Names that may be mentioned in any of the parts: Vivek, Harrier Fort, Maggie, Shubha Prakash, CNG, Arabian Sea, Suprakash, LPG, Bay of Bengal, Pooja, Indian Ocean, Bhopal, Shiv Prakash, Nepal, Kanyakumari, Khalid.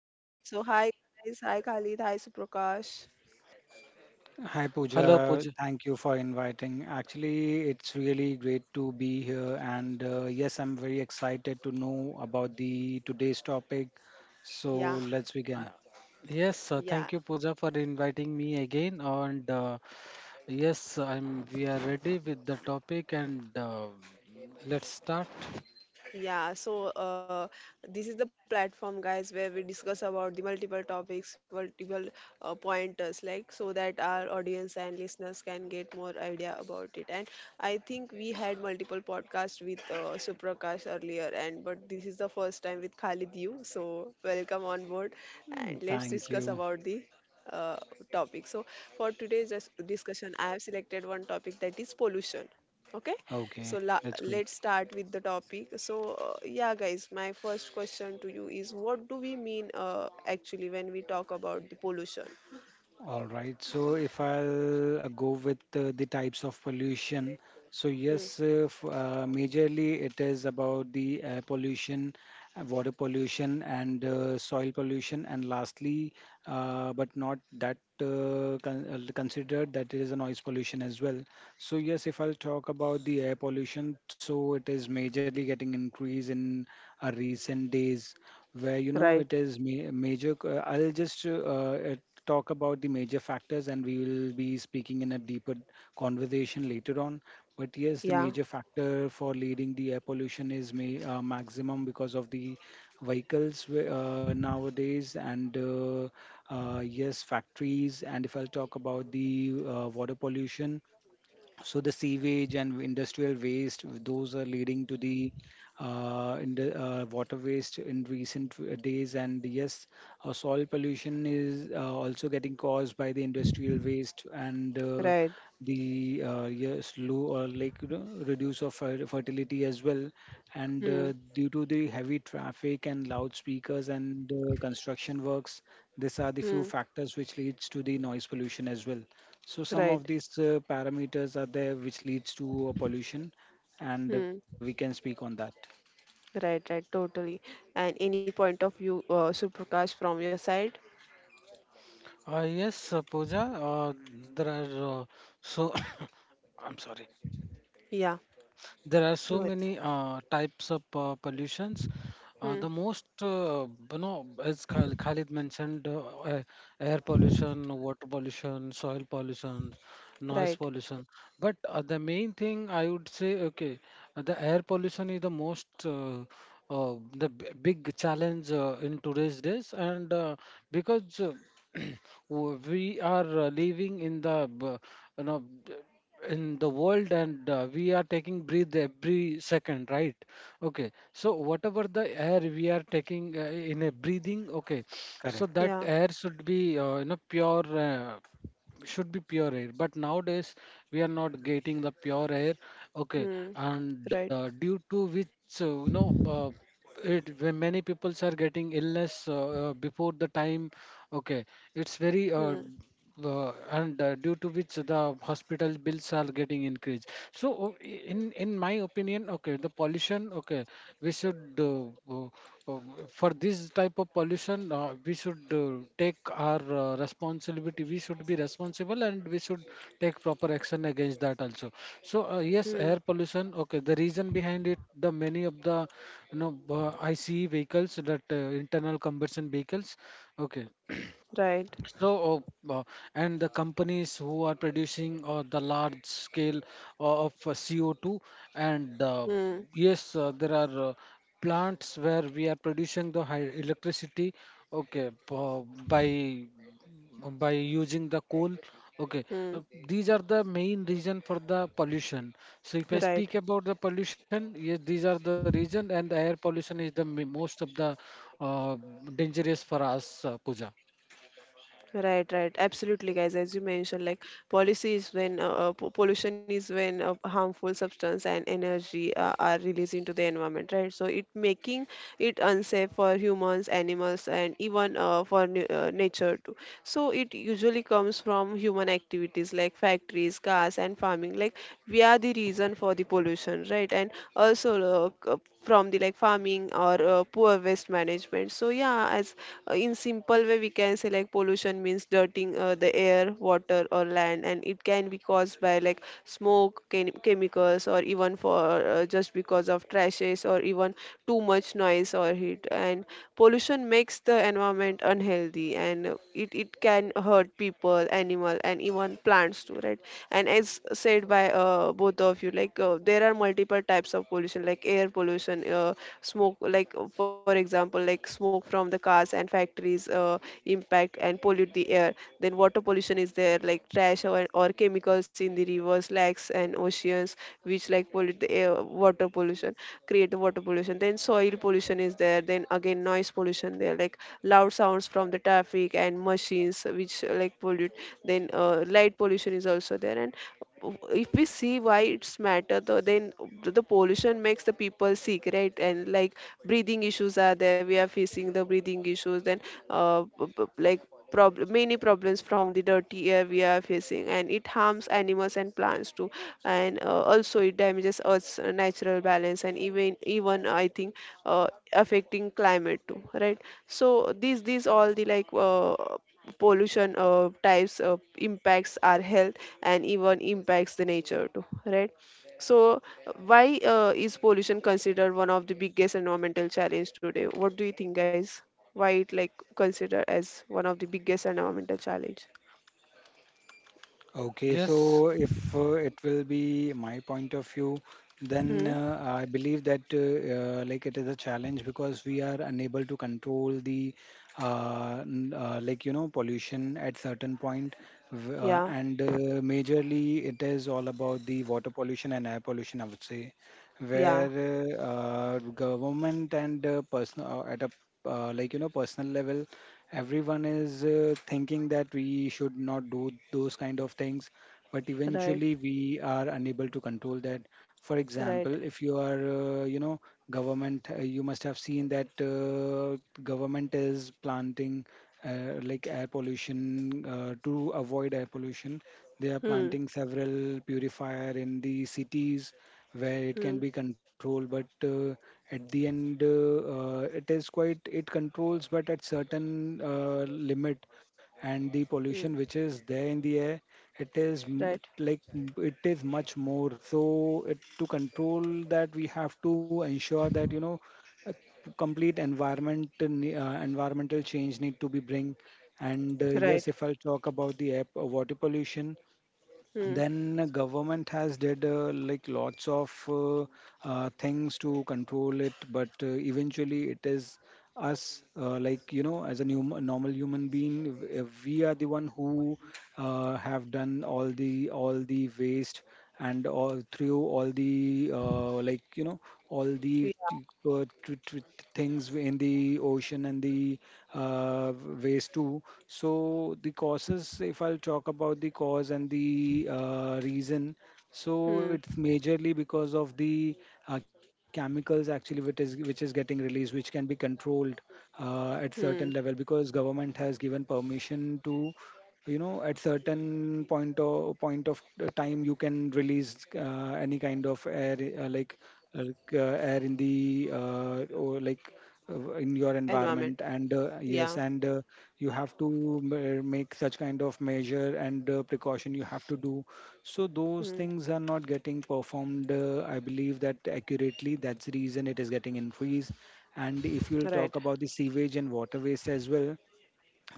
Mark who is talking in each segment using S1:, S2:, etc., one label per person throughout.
S1: show. So, hi guys, hi Khalid, hi Suprakash.
S2: Hi
S3: Hello,
S2: Pooja,
S3: Pooja.
S2: thank you for inviting. Actually, it's really great to be here, and yes, I'm very excited to know about the today's topic. So
S1: Yeah,
S2: let's
S3: Uh,
S2: begin.
S3: Yes, thank you,
S1: yeah.
S3: Pooja, for inviting me again. And yes, I'm. We are ready with the topic, and let's start.
S1: Yeah, so this is the platform, guys, where we discuss about the multiple topics, multiple pointers, like so that our audience and listeners can get more idea about it. And I think we had multiple podcasts with Suprakash earlier, and but this is the first time with Khalid you. So welcome on board, and
S2: Mm,
S1: let's
S2: thank
S1: discuss
S2: you.
S1: about the uh, topic. So for today's discussion, I have selected one topic that is pollution. Okay, so
S2: Okay, that's great.
S1: let's start with the topic. So yeah, guys, my first question to you is, what do we mean actually when we talk about the pollution?
S2: All right. So if I'll go with the types of pollution, so
S1: Hmm.
S2: yes, majorly it is about the air pollution, water pollution, and soil pollution. And lastly, but not that considered, that it is a noise pollution as well. So yes, if I'll talk about the air pollution, so it is majorly getting increase in recent days, where you know it
S1: Right.
S2: is major. I'll just talk about the major factors, and we will be speaking in a deeper conversation later on. But yes, the
S1: Yeah.
S2: major factor for leading the air pollution is maximum because of the vehicles nowadays, and yes, factories. And if I'll talk about the water pollution. So the sewage and industrial waste, those are leading to the in the, water waste in recent days. And yes, soil pollution is also getting caused by the industrial waste and
S1: Right.
S2: the yeah, slow or like you know, reduce of fertility as well. And
S1: Hmm.
S2: due to the heavy traffic and loudspeakers and construction works, these are the few
S1: Hmm.
S2: factors which leads to the noise pollution as well. So some of
S1: Right.
S2: these parameters are there which leads to pollution, and we
S1: Hmm.
S2: can speak on that.
S1: Right, right, totally. And any point of view, Suprakash, from your side?
S3: Yes, Pooja, Uh, there are so. I'm sorry.
S1: Yeah.
S3: There are
S1: No
S3: so
S1: worries.
S3: many types of pollutions.
S1: Hmm.
S3: The most, you know, as Khal- Khalid mentioned, air pollution, water pollution, soil pollution, noise
S1: Right.
S3: pollution. But the main thing I would say, okay, the air pollution is the big challenge in today's days, and because we are living in the, b- you know in the world, and we are taking breath every second, right? Okay, so whatever the air we are taking in a breathing, okay, so
S2: Correct.
S3: that
S1: Yeah.
S3: air should be, you know pure should be pure air, but nowadays we are not getting the pure air. Okay,
S1: Hmm.
S3: and
S1: Right.
S3: due to which, it when many peoples are getting illness before the time. Okay, it's very
S1: Hmm.
S3: and due to which the hospital bills are getting increased. So in my opinion, okay, the pollution, okay, we should uh, for this type of pollution, we should take our responsibility. We should be responsible and we should take proper action against that also. So yes, air
S1: Hmm.
S3: pollution. Okay, the reason behind it, the many of the ICE vehicles, that internal combustion vehicles. Okay,
S1: Right.
S3: so, uh, uh, and the companies who are producing the large scale of CO2, and
S1: Hmm.
S3: yes, there are plants where we are producing the high electricity, okay, by by using the coal. Okay, uh,
S1: Hmm.
S3: these are the main reason for the pollution. So if I speak
S1: Right.
S3: about the pollution, yes, these are the reason, and the air pollution is the most of the uh, dangerous for us, Pooja.
S1: Right, right. Absolutely, guys. As you mentioned, like policy is when pollution is when harmful substance and energy are released into the environment, right? So it making it unsafe for humans, animals, and even for nature too. So it usually comes from human activities like factories, cars, and farming. Like we are the reason for the pollution, right? And also from the like farming or poor waste management. So yeah, as in simple way we can say like pollution means dirtying the air water or land, and it can be caused by like smoke chemicals or even for just because of trashes or even too much noise or heat. And pollution makes the environment unhealthy, and it can hurt people animal and even plants too, right? And as said by both of you, like there are multiple types of pollution like air pollution, smoke, like for example like smoke from the cars and factories impact and pollute the air. Then water pollution is there, like trash, or chemicals in the rivers lakes and oceans which like pollute the air, water pollution create the water pollution. Then soil pollution is there, then again noise pollution there, like loud sounds from the traffic and machines which like pollute. Then light pollution is also there. And if we see why it's matter though, then the pollution makes the people sick, right? And like breathing issues are there, we are facing the breathing issues. Then like problem, many problems from the dirty air we are facing, and it harms animals and plants too. And also it damages earth's natural balance, and even I think uh, affecting climate too, right? So these all the like pollution types impacts our health and even impacts the nature too, right? So why is pollution considered one of the biggest environmental challenge today? What do you think, guys? Why it like considered as one of the biggest environmental challenge?
S2: Okay,
S3: Yes.
S2: so if it will be my point of view, then
S1: Hmm.
S2: I believe that like it is a challenge because we are unable to control the like you know pollution at certain point,
S1: Yeah.
S2: and majorly it is all about the water pollution and air pollution, I would say,
S1: Yeah.
S2: where government and personal at a like you know personal level everyone is thinking that we should not do those kind of things but
S1: Right.
S2: eventually we are unable to control that. For example,
S1: Right.
S2: if you are you know government, you must have seen that government is planting like air pollution to avoid air pollution, they are
S1: Hmm.
S2: planting several purifier in the cities where it can
S1: Hmm.
S2: be controlled, but at the end it is quite it controls but at certain limit, and the pollution
S1: Hmm.
S2: which is there in the air, it is
S1: Right.
S2: it is much more. So it to control that we have to ensure that you know a complete environment environmental change need to be bring. And
S1: Right.
S2: yes, if I'll talk about the water pollution,
S1: Hmm.
S2: then government has did like lots of things to control it, but eventually it is us, like you know, as a new, normal human being, if we are the one who have done all the waste and all through all the like you know all the
S1: Yeah.
S2: t- uh, t- t- things in the ocean and the uh, waste too. So the causes, if I'll talk about the cause and the reason, so it's
S1: Hmm.
S2: majorly because of the chemicals actually which is getting released, which can be controlled at
S1: Hmm.
S2: certain level because government has given permission to, you know, at certain point of the time you can release any kind of air air in the or like in your
S1: Environment.
S2: environment. And
S1: Yeah.
S2: yes, and you have to make such kind of measure and precaution you have to do, so those
S1: Hmm.
S2: things are not getting performed, I believe that accurately. That's the reason it is getting increased. And if you'll
S1: Right.
S2: talk about the sewage and water waste as well,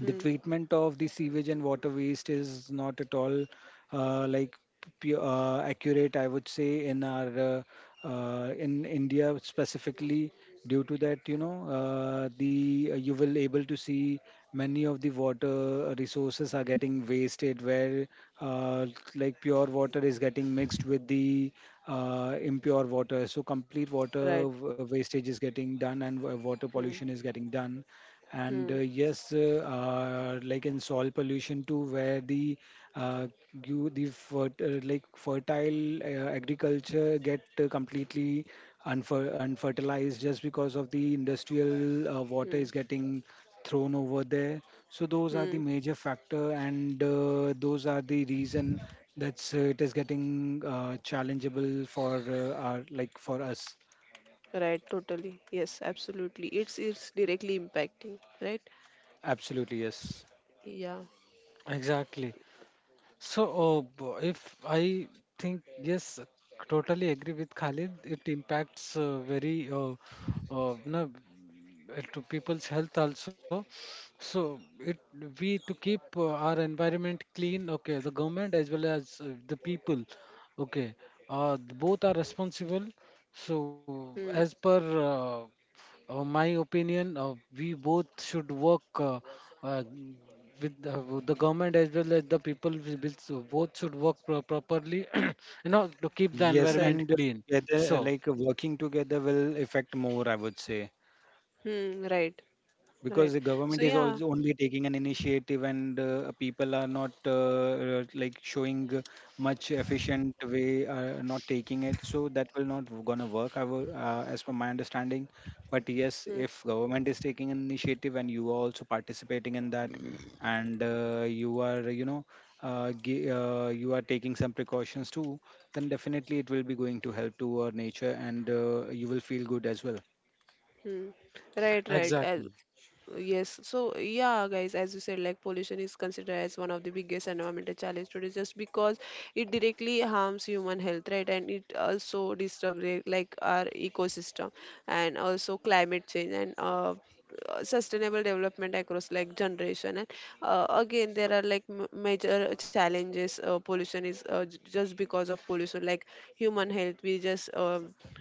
S2: the treatment of the sewage and water waste is not at all like accurate, I would say, in our in India specifically. Due to that you know the you will able to see many of the water resources are getting wasted, where uh, like pure water is getting mixed with the impure water, so complete water
S1: Right.
S2: wastage is getting done and water pollution
S1: Hmm.
S2: is getting done. And
S1: Hmm.
S2: like in soil pollution too, where the uh, you the fert like fertile agriculture get completely unfertilized just because of the industrial water
S1: Hmm.
S2: is getting thrown over there. So those are the
S1: Hmm.
S2: major factor, and those are the reason that's it is getting challengeable for our like for us.
S1: Right, totally. Yes, absolutely, it's directly impacting, right?
S2: Absolutely, yes.
S1: Yeah.
S3: Exactly. So, if I think, yes, totally agree with Khalid, it impacts very, no, to people's health also. So, it we to keep our environment clean, okay, the government as well as the people, okay, both are responsible. So,
S1: Hmm.
S3: as per my opinion, we both should work uh, with the government as well as the people. We will- so Both should work properly, you know, to keep the
S2: Yes,
S1: Right.
S3: environment
S2: and
S3: clean.
S2: together,
S3: So,
S2: like working together will affect more, I would say,
S1: Hmm. Right, right.
S2: because the
S1: So
S2: government is
S1: yeah.
S2: also only taking an initiative and people are not like showing much efficient way, not taking it, so that will not gonna work, I will, as per my understanding. But yes,
S1: Hmm.
S2: if government is taking an initiative and you are also participating in that, and you are you know you are taking some precautions too, then definitely it will be going to help to our nature and you will feel good as well.
S1: Hmm. Right, right. As,
S3: exactly.
S1: yes, so yeah, guys, as you said, like pollution is considered as one of the biggest environmental challenge today, just because it directly harms human health, right? And it also disturbs like our ecosystem, and also climate change and sustainable development across like generation. And again, there are like major challenges, pollution is just because of pollution. Like human health, we just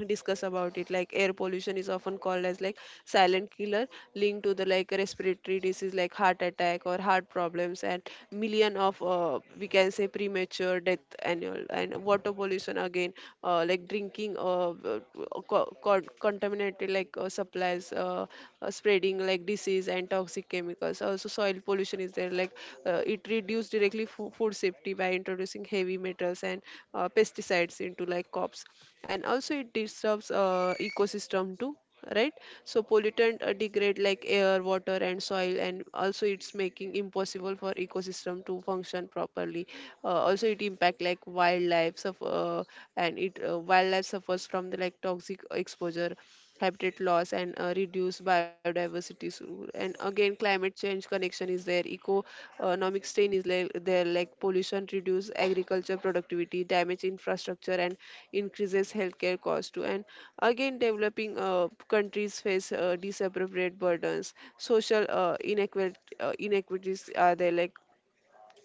S1: discuss about it. Like air pollution is often called as like silent killer, linked to the like respiratory disease like heart attack or heart problems, and million of, we can say, say premature death annual. And water pollution again, like drinking contaminated like supplies spreading like disease and toxic chemicals. Also soil pollution is there, like it reduced directly food safety by introducing heavy metals and pesticides into like crops. And also it disturbs ecosystem too, right? So pollutant degrade like air water and soil, and also it's making impossible for ecosystem to function properly. Also it impact like wildlife suffer, and it wildlife suffers from the like toxic exposure, habitat loss, and reduce biodiversity. So, and again climate change connection is there, economic strain is like there, like pollution reduce agriculture productivity, damage infrastructure, and increases healthcare cost too. And again, developing countries face disappropriate burdens, social inequality, inequities are there. Like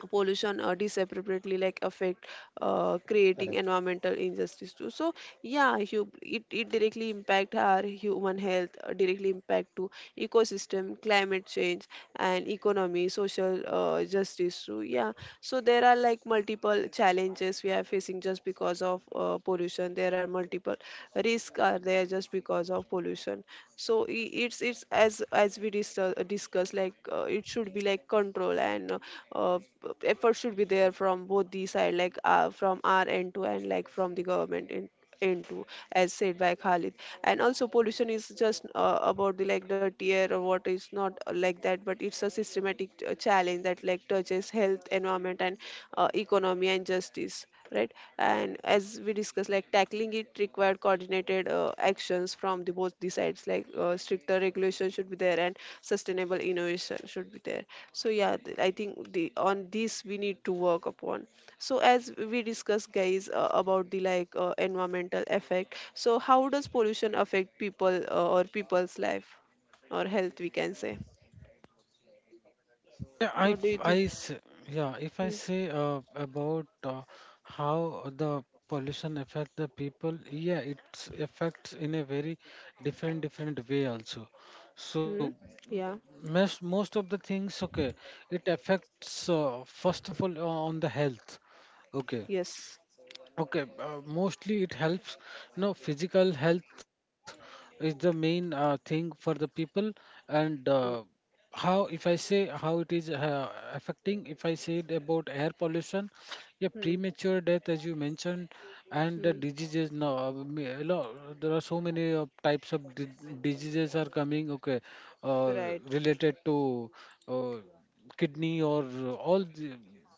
S1: pollution disappropriately like affect, creating environmental injustice too. So yeah, it, it directly impact our human health, directly impact to ecosystem, climate change, and economy, social justice too, yeah. So there are like multiple challenges we are facing just because of pollution. There are multiple risks are there just because of pollution. So it's, as we discuss, like it should be like control. And uh, effort should be there from both the side, like from our end to end, like from the government in end to, as said by Khalid. And also pollution is just about the like dirty air or water is not like that, but it's a systematic challenge that like touches health, environment, and economy, and justice, right? And as we discussed, like tackling it required coordinated actions from the both the sides, like stricter regulation should be there, and sustainable innovation should be there. So yeah, I think the on this we need to work upon. So as we discuss, guys, about the like environmental effect. So how does pollution affect people, or people's life or health? We can say.
S3: Yeah, I,
S1: What do you
S3: f-
S1: think?
S3: I s- yeah, If I
S1: Hmm.
S3: say about how the pollution affect the people, yeah, it affects in a very different way also. So
S1: Hmm? Yeah.
S3: most of the things, okay, it affects, first of all, on the health. Okay,
S1: Yes.
S3: okay, mostly it helps no, physical health is the main thing for the people. And
S1: Hmm.
S3: how, if I say, how it is affecting, if I said about air pollution, yeah,
S1: Hmm.
S3: premature death, as you mentioned, and the
S1: Hmm.
S3: diseases now. There are so many types of diseases are coming, okay, uh,
S1: Right.
S3: related to uh, kidney or all the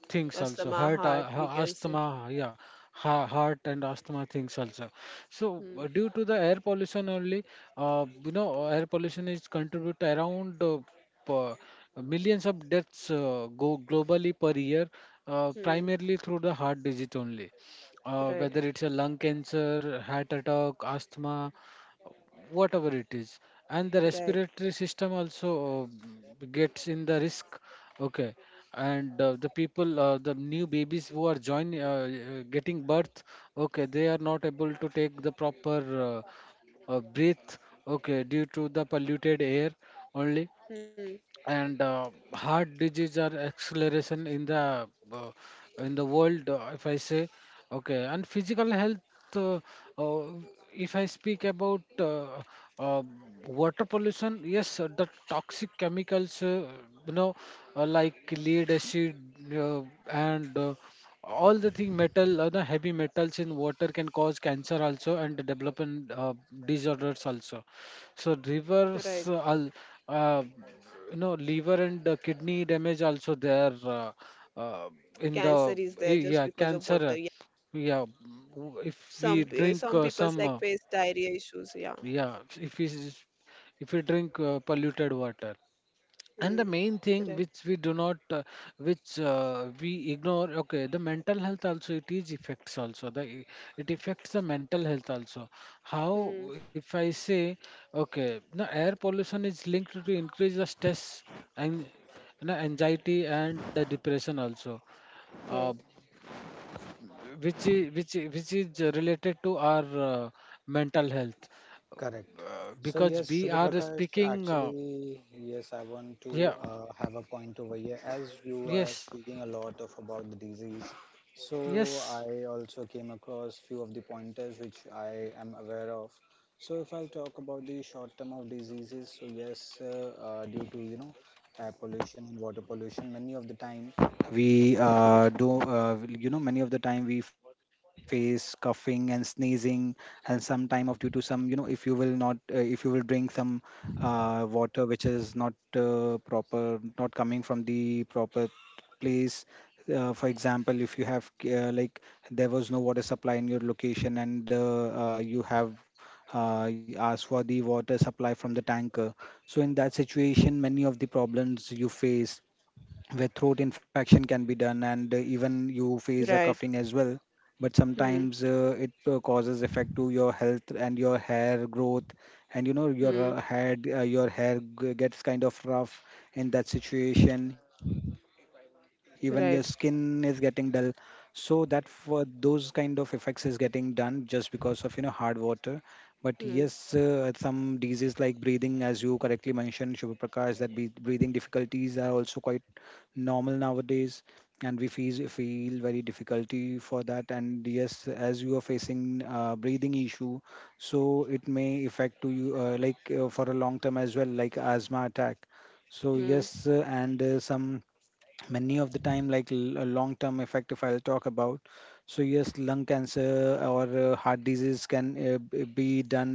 S3: things also,
S1: Asthma,
S3: heart,
S1: heart. We can say.
S3: asthma. Yeah, heart and asthma things also. So
S1: Hmm.
S3: due to the air pollution only, air pollution is contribute around per- millions of deaths go globally per year,
S1: Hmm.
S3: primarily through the heart disease only.
S1: Right.
S3: Whether it's a lung cancer, heart attack, asthma, whatever it is, and the
S1: Right.
S3: respiratory system also gets in the risk. Okay, and the people, the new babies who are join getting birth, okay, they are not able to take the proper breath, okay, due to the polluted air only.
S1: Hmm.
S3: And heart disease are acceleration in the world, if I say, okay. And physical health, uh, uh, if I speak about uh, water pollution, yes, the toxic chemicals, you know like lead acid, uh, and all the thing metal, the heavy metals in water can cause cancer also, and development disorders also. So
S1: Right.
S3: rivers, uh, you know, liver and kidney damage also there, uh, in
S1: Cancer
S3: the
S1: is there just
S3: yeah,
S1: because of
S3: cancer.
S1: water. Yeah.
S3: Yeah, if we
S1: Some
S3: drink
S1: some people's
S3: some
S1: like face diarrhea issues. Yeah.
S3: yeah, if we s- if we drink polluted water. And the
S1: Hmm.
S3: main thing
S1: Right.
S3: which we do not which we ignore, okay, the mental health also, it is effects also the e- it affects the mental health also. How,
S1: Hmm.
S3: if I say, okay, the air pollution is linked to increase the stress and, you know, anxiety and the depression also, uh,
S1: Right.
S3: which is related to our mental health,
S2: Correct. So
S3: because
S2: yes,
S3: we
S2: Shubha
S3: are
S2: Prakash,
S3: speaking
S2: actually, yes, I want to
S3: yeah.
S2: have a point over here as you are
S3: Yes.
S2: speaking a lot of about the disease. So
S3: Yes.
S2: I also came across few of the pointers which I am aware of. So if I'll talk about the short term of diseases, so yes, due to you know air pollution and water pollution, many of the time we do you know many of the time we face coughing and sneezing. And some time of due to some, you know, if you will not if you will drink some water which is not proper, not coming from the proper place. For example, if you have like there was no water supply in your location and you have asked for the water supply from the tanker, so in that situation many of the problems you face, where throat infection can be done and even you face a coughing
S1: Right.
S2: as well. But
S1: Hmm.
S2: sometimes it causes effect to your health and your hair growth, and you know your
S1: Hmm.
S2: head your hair gets kind of rough. In that situation even your skin is getting dull.
S1: Right.
S2: So that for those kind of effects is getting done just because of you know hard water. But yes,
S1: Hmm.
S2: some diseases like breathing, as you correctly mentioned, Shubha Prakash, that breathing difficulties are also quite normal nowadays, and we feel very difficulty for that. And yes, as you are facing breathing issue, so it may affect to you for a long term as well, like asthma attack. So
S1: Hmm.
S2: yes, and some many of the time like long term effect, if I'll talk about, so yes lung cancer or heart disease can be done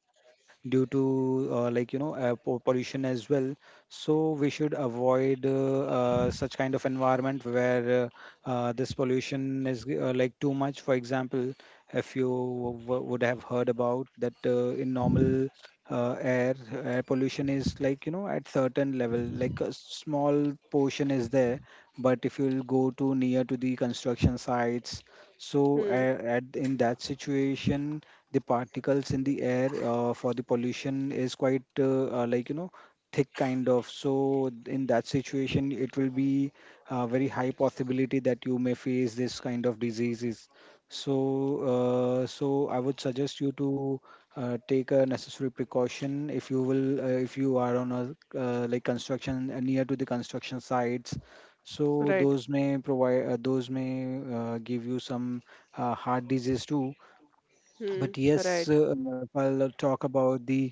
S2: due to like you know pollution as well. So we should avoid such kind of environment where this pollution is like too much. For example, if you would have heard about that in normal uh, air air pollution is like you know at certain level, like a small portion is there, but if you'll go too near to the construction sites, so
S1: Hmm.
S2: at in that situation the particles in the air for the pollution is quite like you know thick kind of. So in that situation it will be a very high possibility that you may face this kind of diseases. So so I would suggest you to take a necessary precaution if you will if you are on a like construction near to the construction sites, so
S1: Right.
S2: those may provide, those may give you some heart disease too. But
S1: Hmm.
S2: yes,
S1: Right.
S2: if I'll talk about the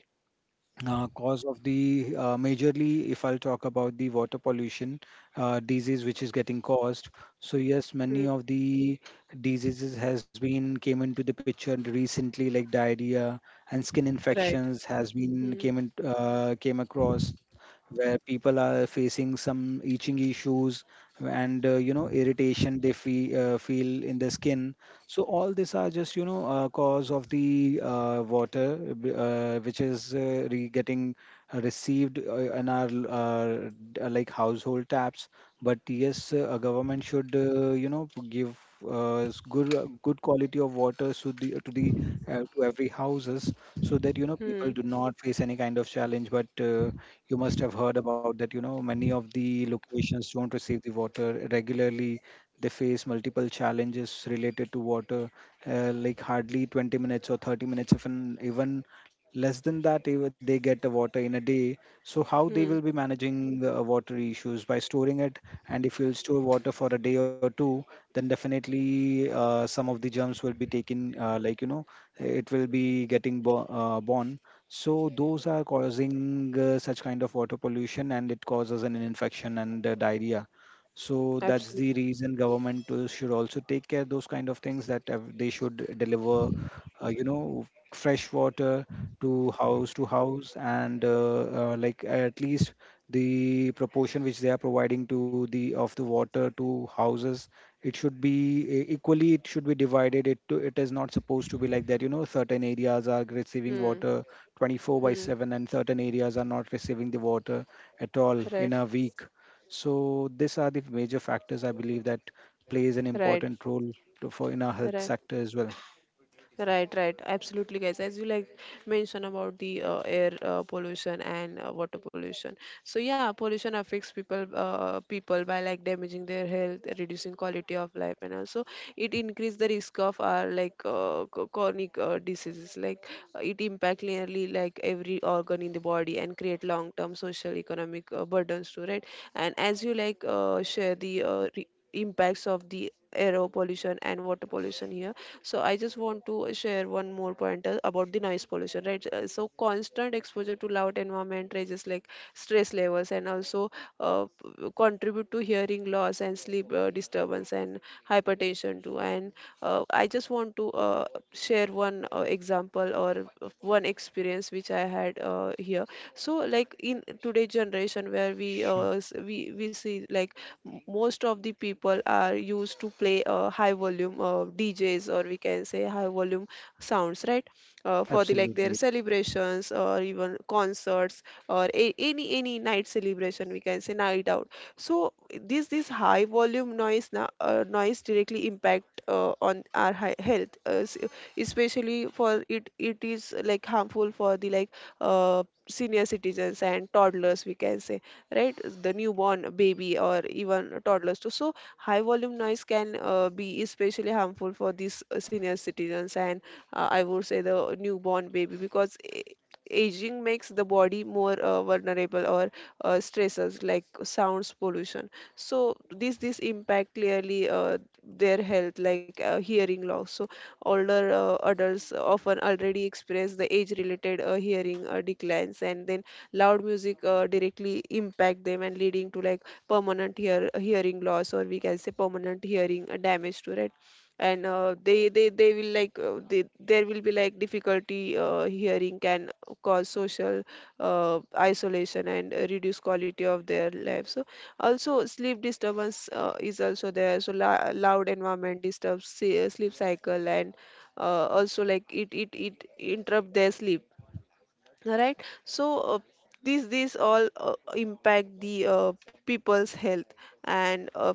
S2: cause of the majorly if I'll talk about the water pollution disease which is getting caused, so yes
S1: Hmm.
S2: many of the diseases has been came into the picture recently like diarrhea and skin
S1: Right.
S2: infections has been
S1: Hmm.
S2: came in came across, where people are facing some itching issues and you know irritation they feel in the skin. So all these are just, you know, cause of the water which is re getting received in our like household taps. But yes, a government should, give good good quality of water to the to every houses so that,
S1: Hmm.
S2: people do not face any kind of challenge. But You must have heard about that, many of the locations don't receive the water regularly. They face multiple challenges related to water, like hardly 20 minutes or 30 minutes, even less than that, they get the water in a day. So how they will
S1: Hmm.
S2: be managing the water issues by storing it? And if you'll store water for a day or two, then definitely some of the germs will be taken, it will be getting born. So those are causing such kind of water pollution, and it causes an infection and diarrhea. So that's
S1: Absolutely.
S2: the reason government should also take care those kind of things that they should deliver, uh, you know, fresh water to house and like at least the proportion which they are providing to the of the water to houses, it should be equally it should be divided it to. It is not supposed to be like that, you know, certain areas are receiving
S1: Hmm.
S2: water 24 by
S1: Hmm.
S2: 7 and certain areas are not receiving the water at all in
S1: Right.
S2: a week. So these are the major factors I believe that plays an
S1: Right.
S2: important role to, for in our health
S1: Right.
S2: sector as well.
S1: Right, right, absolutely, guys. As you like mention about the air pollution and water pollution, so yeah, pollution affects people, people by like damaging their health, reducing quality of life, and also it increase the risk of our like chronic diseases. Like it impact nearly like every organ in the body and create long-term social economic burdens too, right? And as you like share the impacts of the air pollution and water pollution here, so I just want to share one more point about the noise pollution, right? So constant exposure to loud environment raises like stress levels, and also contribute to hearing loss and sleep disturbance and hypertension too. And I just want to share one example or of one experience which I had here. So like in today generation where we
S2: Sure.
S1: s- we see like most of the people are used to play high volume DJs or we can say high volume sounds, right? For the like their
S2: Absolutely.
S1: celebrations or even concerts or any any night celebration, we can say night out. So this high volume noise directly impact on our health, especially for it is like harmful for the like uh, senior citizens and toddlers, we can say, right, the newborn baby or even toddlers too. So so high volume noise can be especially harmful for these senior citizens and I would say the newborn baby because aging makes the body more vulnerable or stresses like sounds pollution. So this impact clearly their health, like hearing loss. So older adults often already experience the age related hearing declines, and then loud music directly impact them and leading to like permanent hearing loss, or we can say permanent hearing damage to right? And uh, they will like there will be like difficulty hearing, can cause social isolation and reduce quality of their life. So also sleep disturbance is also there. So loud environment disturbs sleep cycle, and also like it interrupt their sleep, right? So these all impact the people's health. And uh,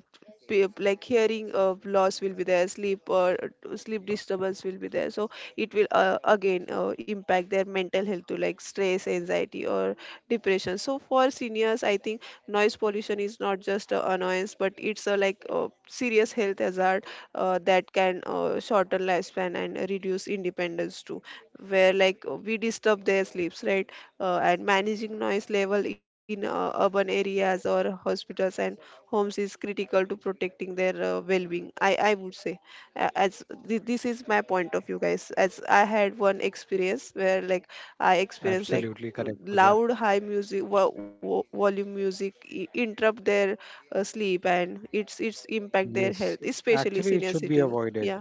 S1: pe- like hearing loss will be there, sleep or sleep disturbance will be there. So it will again impact their mental health to like stress, anxiety or depression. So for seniors I think noise pollution is not just a annoyance, but it's a like serious health hazard that can shorten lifespan and reduce independence too, where like we disturb their sleeps, right? And managing noise level in urban areas or hospitals and homes is critical to protecting their well-being, I would say. A- as thi- This is my point of view, guys, as I had one experience where like I experienced like
S2: Absolutely correct, Pooja.
S1: loud high volume music interrupt their sleep, and it's impact their
S2: Yes,
S1: health, especially
S2: actually, it
S1: senior
S2: should be
S1: citizens,
S2: avoided.
S1: yeah.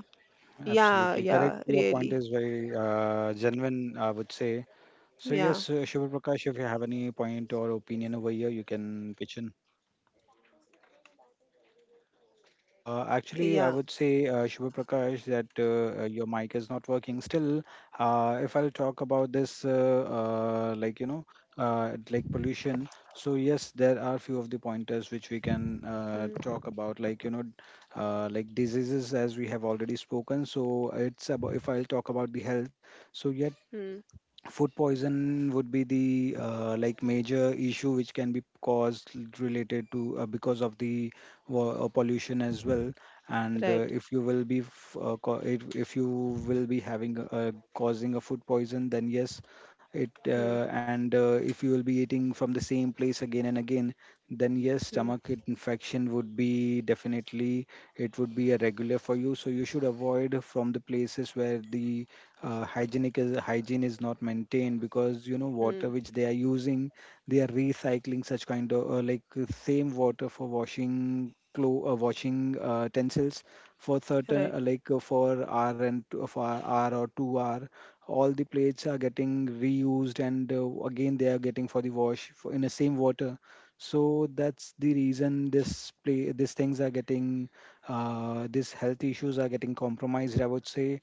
S1: Yeah,
S2: Absolutely correct.
S1: yeah,
S2: Your
S1: really.
S2: point is very genuine, I would say. So,
S1: Yeah.
S2: yes, Shubha Prakash, if you have any point or opinion over here, you can pitch in. Actually, I
S1: Yeah.
S2: would say, Shubha Prakash, that your mic is not working. Still, if I'll talk about this, like pollution. So yes, there are few of the pointers which we can
S1: Hmm.
S2: talk about, like diseases as we have already spoken. So it's about if I'll talk about the health. So yeah,
S1: Hmm.
S2: food poison would be the like major issue which can be caused related to because of the pollution as well. And
S1: Right.
S2: if you will be if you will be having a, causing a food poison, then yes it
S1: Hmm.
S2: and if you will be eating from the same place again and again, then yes,
S1: Hmm.
S2: stomach infection would be definitely, it would be a regular for you. So you should avoid from the places where the hygienic is, hygiene is not maintained, because you know water
S1: Hmm.
S2: which they are using, they are recycling such kind of same water for washing clo washing utensils for certain
S1: Right.
S2: for hour and two, for hour or 2 hour all the plates are getting reused and again they are getting for the wash for, in the same water. So that's the reason this play these things are getting these health issues are getting compromised, I would say.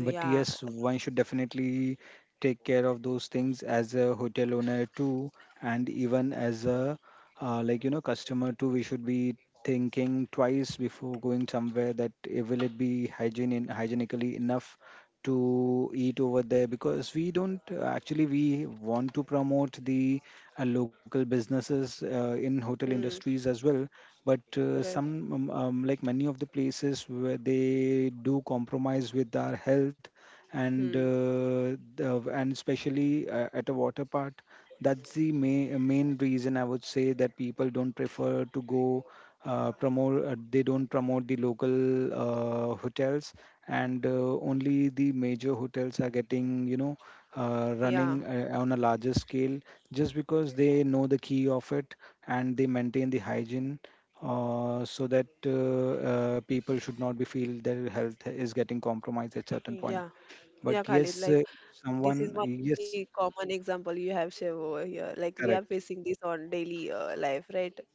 S2: But
S1: Yeah.
S2: yes, one should definitely take care of those things as a hotel owner too, and even as a customer too. We should be thinking twice before going somewhere, that eh, will it be hygiene hygienically enough to eat over there, because we don't actually, we want to promote the local businesses in hotel
S1: Hmm.
S2: industries as well. But
S1: Right.
S2: some like many of the places where they do compromise with our health, and
S1: Hmm.
S2: and especially at a water park. That's the main reason I would say that people don't prefer to go promote they don't promote the local hotels, and only the major hotels are getting, you know, running
S1: Yeah.
S2: on a larger scale, just because they know the key of it and they maintain the hygiene, so that people should not be feel their health is getting compromised at certain point.
S1: Yeah.
S2: But
S1: Yeah, Khalid.
S2: yes
S1: Like this
S2: Someone
S1: is one of
S2: yes
S1: the common example you have shared over here. Like we are
S2: correct.
S1: facing this on daily life, right?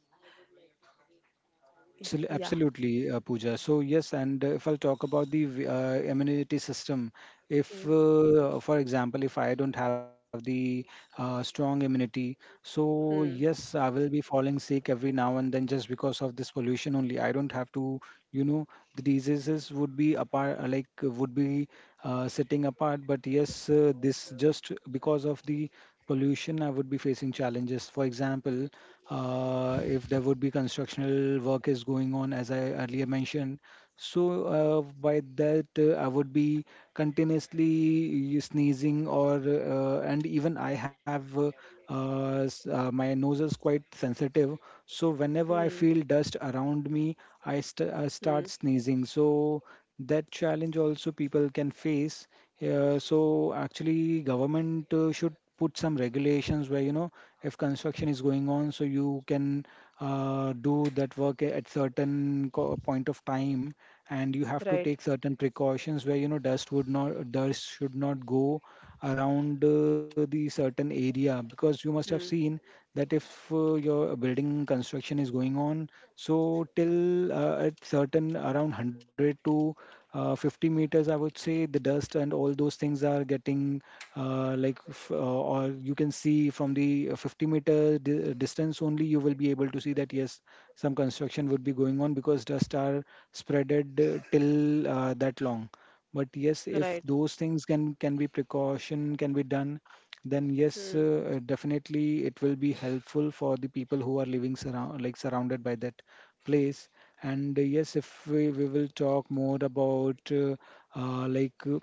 S1: Yeah.
S2: Absolutely, Pooja. So yes, and if I'll talk about the immunity system, if,
S1: Hmm.
S2: for example, if I don't have the strong immunity, so
S1: Hmm.
S2: yes, I will be falling sick every now and then just because of this pollution only. I don't have to, you know, the diseases would be apart, like would be sitting apart. But yes, this just because of the pollution, I would be facing challenges. For example, if there would be constructional work is going on, as I earlier mentioned, so by that, I would be continuously sneezing, or and even I have my nose is quite sensitive. So whenever I
S1: Hmm.
S2: feel dust around me, I
S1: Hmm.
S2: start sneezing. So that challenge also people can face. So actually, government should put some regulations where, you know, if construction is going on, so you can do that work at certain point of time, and you have to
S1: Right.
S2: take certain precautions where, you know, dust should not go around the certain area, because you must have seen
S1: Hmm.
S2: that if your building construction is going on, so till at certain around 100 to 50 meters, I would say the dust and all those things are getting or you can see from the 50 meter distance only, you will be able to see that yes, some construction would be going on because dust are spreaded till that long. But yes, if
S1: Right.
S2: those things can be precaution can be done, then yes,
S1: Hmm.
S2: definitely it will be helpful for the people who are living surround, like surrounded by that place. And yes, if we will talk more about uh, like uh,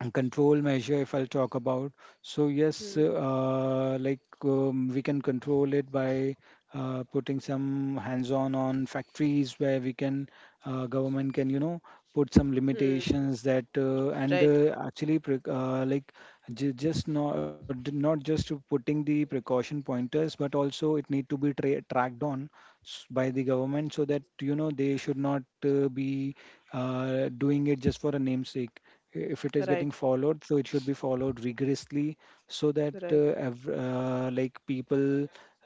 S2: and control measure, if I'll talk about, so yes
S1: Hmm.
S2: we can control it by putting some hands on factories where we can government can, you know, put some
S1: Hmm.
S2: limitations that and
S1: Right.
S2: actually like just not just to putting the precaution pointers, but also it need to be tracked on by the government, so that you know they should not be doing it just for a namesake. If it is getting
S1: Right.
S2: followed, so it should be followed rigorously, so that
S1: Right.
S2: like people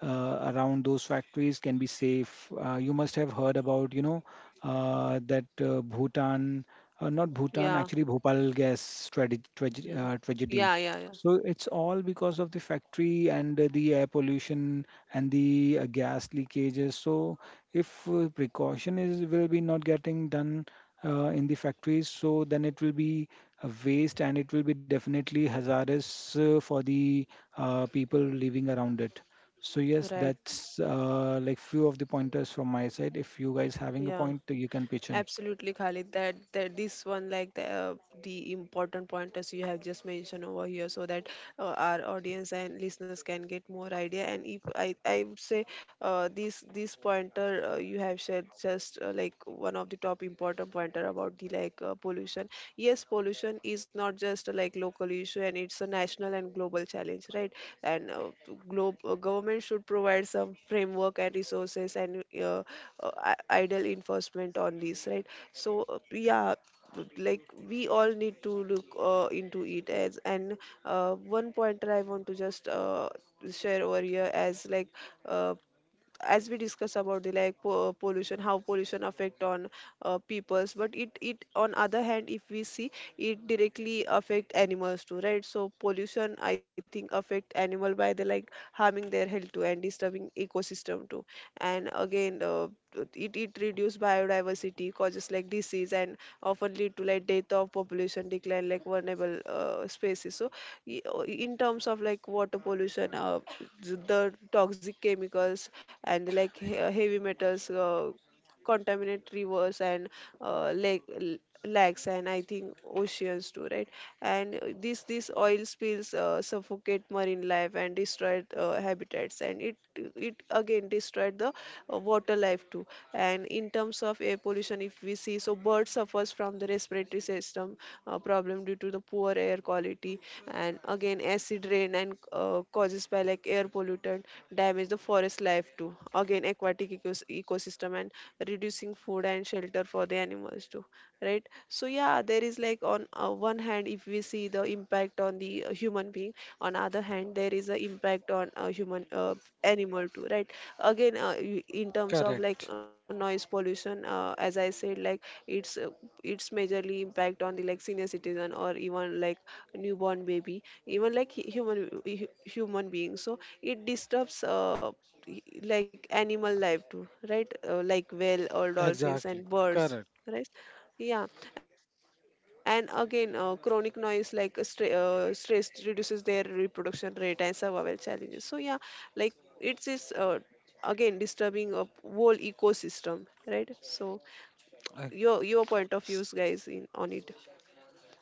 S2: around those factories can be safe. You must have heard about, you know, that bhutan not bhutan
S1: Yeah.
S2: actually Bhopal gas
S1: Hmm.
S2: tragedy.
S1: Yeah. Yeah. Yeah.
S2: So it's all because of the factory and the air pollution and the gas leakages. So if precaution is will be not getting done in the factories, so then it will be a waste, and it will be definitely hazardous for the people living around it. So yes,
S1: Right.
S2: that's like few of the pointers from my side. If you guys having a
S1: Yeah.
S2: point, you can pitch in.
S1: Absolutely, Khalid. That this one, like the important pointers you have just mentioned over here, so that our audience and listeners can get more idea. And if I would say this pointer you have shared, just like one of the top important pointer about the like pollution. Yes, pollution is not just like local issue, and it's a national and global challenge, right? And globe government should provide some framework and resources and idle enforcement on this, right? So yeah, like we all need to look into it as. And one pointer I want to just share over here as like uh, as we discuss about the like pollution, how pollution affect on peoples. But it on other hand if we see, it directly affect animals too, right? So pollution I think affect animal by the like harming their health too and disturbing ecosystem too. And again it reduce biodiversity, causes like disease and often lead to like death of population decline like vulnerable species. So in terms of like water pollution, the toxic chemicals and like heavy metals contaminate rivers and uh, lake, l- lakes and I think oceans too, right? And uh, this oil spills suffocate marine life and destroyed habitats, and it again destroyed the water life too. And in terms of air pollution, if we see, so birds suffers from the respiratory system problem due to the poor air quality, and again acid rain and causes by like air pollutant damage the forest life too. Again, aquatic ecosystem and reducing food and shelter for the animals too, right? So yeah, there is like on one hand if we see the impact on the human being, on other hand there is a impact on human animal too, right? Again in terms of
S3: Correct.
S1: like noise pollution, as I said like it's uh, it's majorly impact on the like senior citizen or even like newborn baby, even like human being. So it disturbs like animal life too, right? Like whale or dolphins
S3: Exactly,
S1: and birds,
S3: correct.
S1: right? Yeah. And again chronic noise like stre- stress reduces their reproduction rate and survival challenges. So yeah, like it's is again disturbing a whole ecosystem, right? So
S3: Uh,
S1: your point of views, guys, in on it.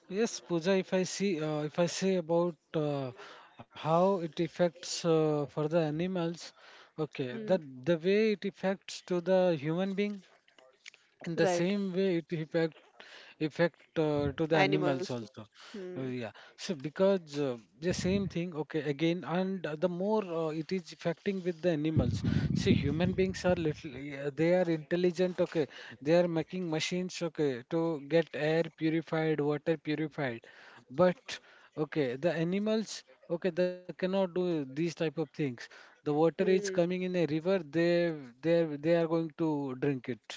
S3: yes, Pooja, if I see, if I say about how it affects for the animals, okay,
S1: Hmm.
S3: that the way it affects to the human being, in the
S1: Right.
S3: same way it affect effect to the
S1: Animals
S3: animals
S1: too.
S3: also.
S1: Hmm.
S3: Yeah, so because the same thing, okay, again. And the more it is affecting with the animals, see, human beings are little, yeah, they are intelligent, okay, they are making machines, okay, to get air purified, water purified. But okay, the animals, okay, they cannot do these type of things. The water is
S1: Hmm.
S3: coming in a river, they they they are going to drink it.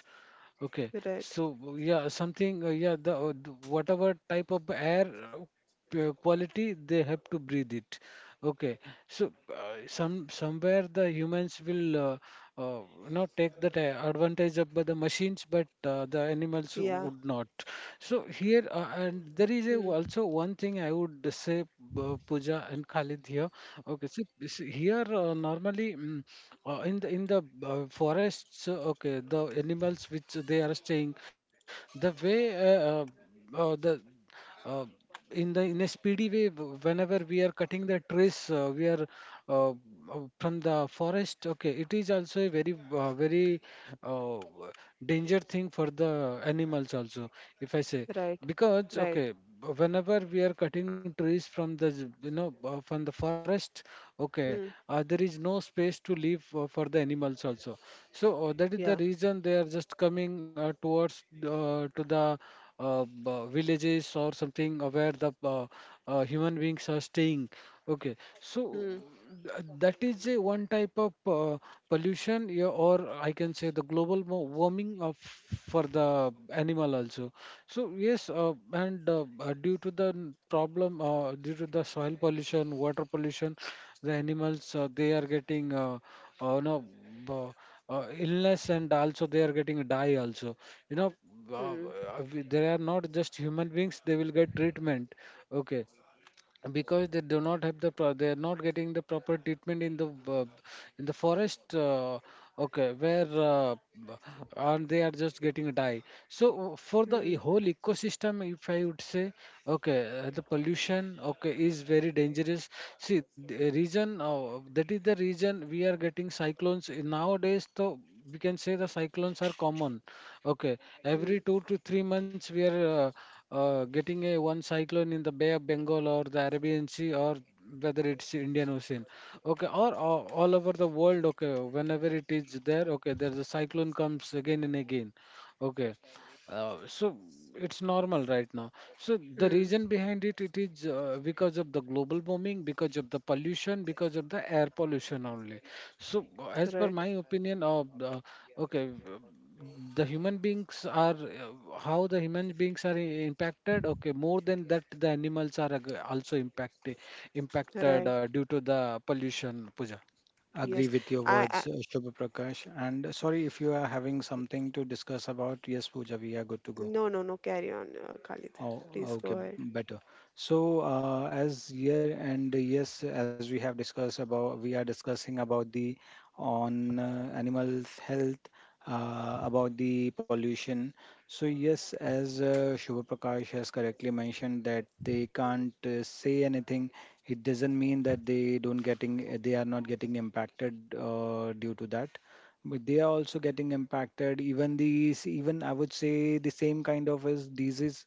S3: Okay,
S1: Right.
S3: so yeah, something yeah, the- whatever type of air quality, they have to breathe it. Okay, so some somewhere the humans will you know, take that advantage of the machines, but
S1: Yeah.
S3: the animals would not. So here,
S1: Hmm.
S3: and there is a, also one thing I would say, Pooja and Khalid here. Okay, so here normally in the forests, okay, the animals which they are staying, the way the uh, in the in a speedy way, whenever we are cutting the trees, we are uh, uh, from the forest, okay, it is also a very very uh, danger thing for the animals also, if I say.
S1: Right.
S3: Because,
S1: Right.
S3: okay, whenever we are cutting trees from the from the forest, okay,
S1: Hmm.
S3: there is no space to leave for the animals also. So that
S1: Yeah.
S3: is the reason they are just coming towards to the villages or something where the human beings are staying. Okay,
S1: Hmm.
S3: so that is a one type of pollution, yeah, or I can say the global warming of for the animal also. So yes, and due to the problem, due to the soil pollution, water pollution, the animals, they are getting no uh, illness, and also they are getting die also. You know, uh,
S1: Hmm.
S3: uh, we, they are not just human beings; they will get treatment. Okay, because they do not have the they are not getting the proper treatment in the forest, okay, where and they are just getting die. So for the
S1: Hmm.
S3: whole ecosystem, if I would say, okay, the pollution, okay, is very dangerous. See, the reason, that is the reason we are getting cyclones in nowadays. So we can say the cyclones are common. Okay,
S1: Hmm.
S3: every 2 to 3 months we are getting a one cyclone in the Bay of Bengal or the Arabian Sea, or whether it's Indian Ocean. Okay, or all over the world. Okay, whenever it is there. Okay, there's a cyclone comes again and again. Okay, so it's normal right now. So the
S1: Hmm.
S3: reason behind it, it is because of the global warming, because of the pollution, because of the air pollution only. So as per
S1: Right.
S3: my opinion, okay, uh, the human beings are how the human beings are impacted. Okay, more than that, the animals are also impacted
S1: Right.
S3: due to the pollution, Puja.
S2: Agree
S1: Yes.
S2: with your
S1: I.
S2: words, Shubha Prakash. And sorry if you are having something to discuss about. Yes, Pooja, we are good to go.
S1: No. No. No. Carry on, Khalid.
S2: Oh,
S1: Please go
S2: okay,
S1: ahead.
S2: better. So, as year and yes, as we have discussed about, we are discussing about the on animal health, about the pollution. So, yes, as Shubha Prakash has correctly mentioned that they can't say anything. It doesn't mean that they don't getting, they are not getting impacted due to that. But they are also getting impacted. Even these, even I would say the same kind of as disease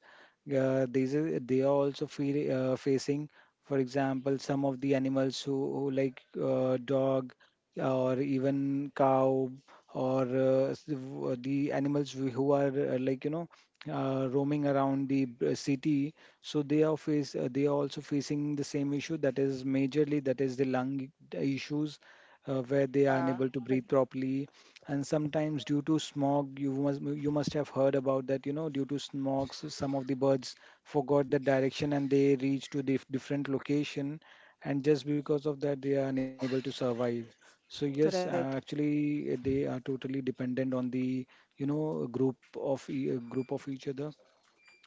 S2: these are, they are also facing, for example, some of the animals who like dog or even cow or the animals who are roaming around the city. So they are face they are also facing the same issue, that is majorly that is the issues, where they are
S1: Yeah.
S2: unable to
S1: Khalid.
S2: breathe properly. And sometimes due to smog, you must have heard about that, due to smog, some of the birds forgot the direction and they reach to the different location, and just because of that they are unable to survive. So yes,
S1: Right.
S2: actually they are totally dependent on the, group of each other.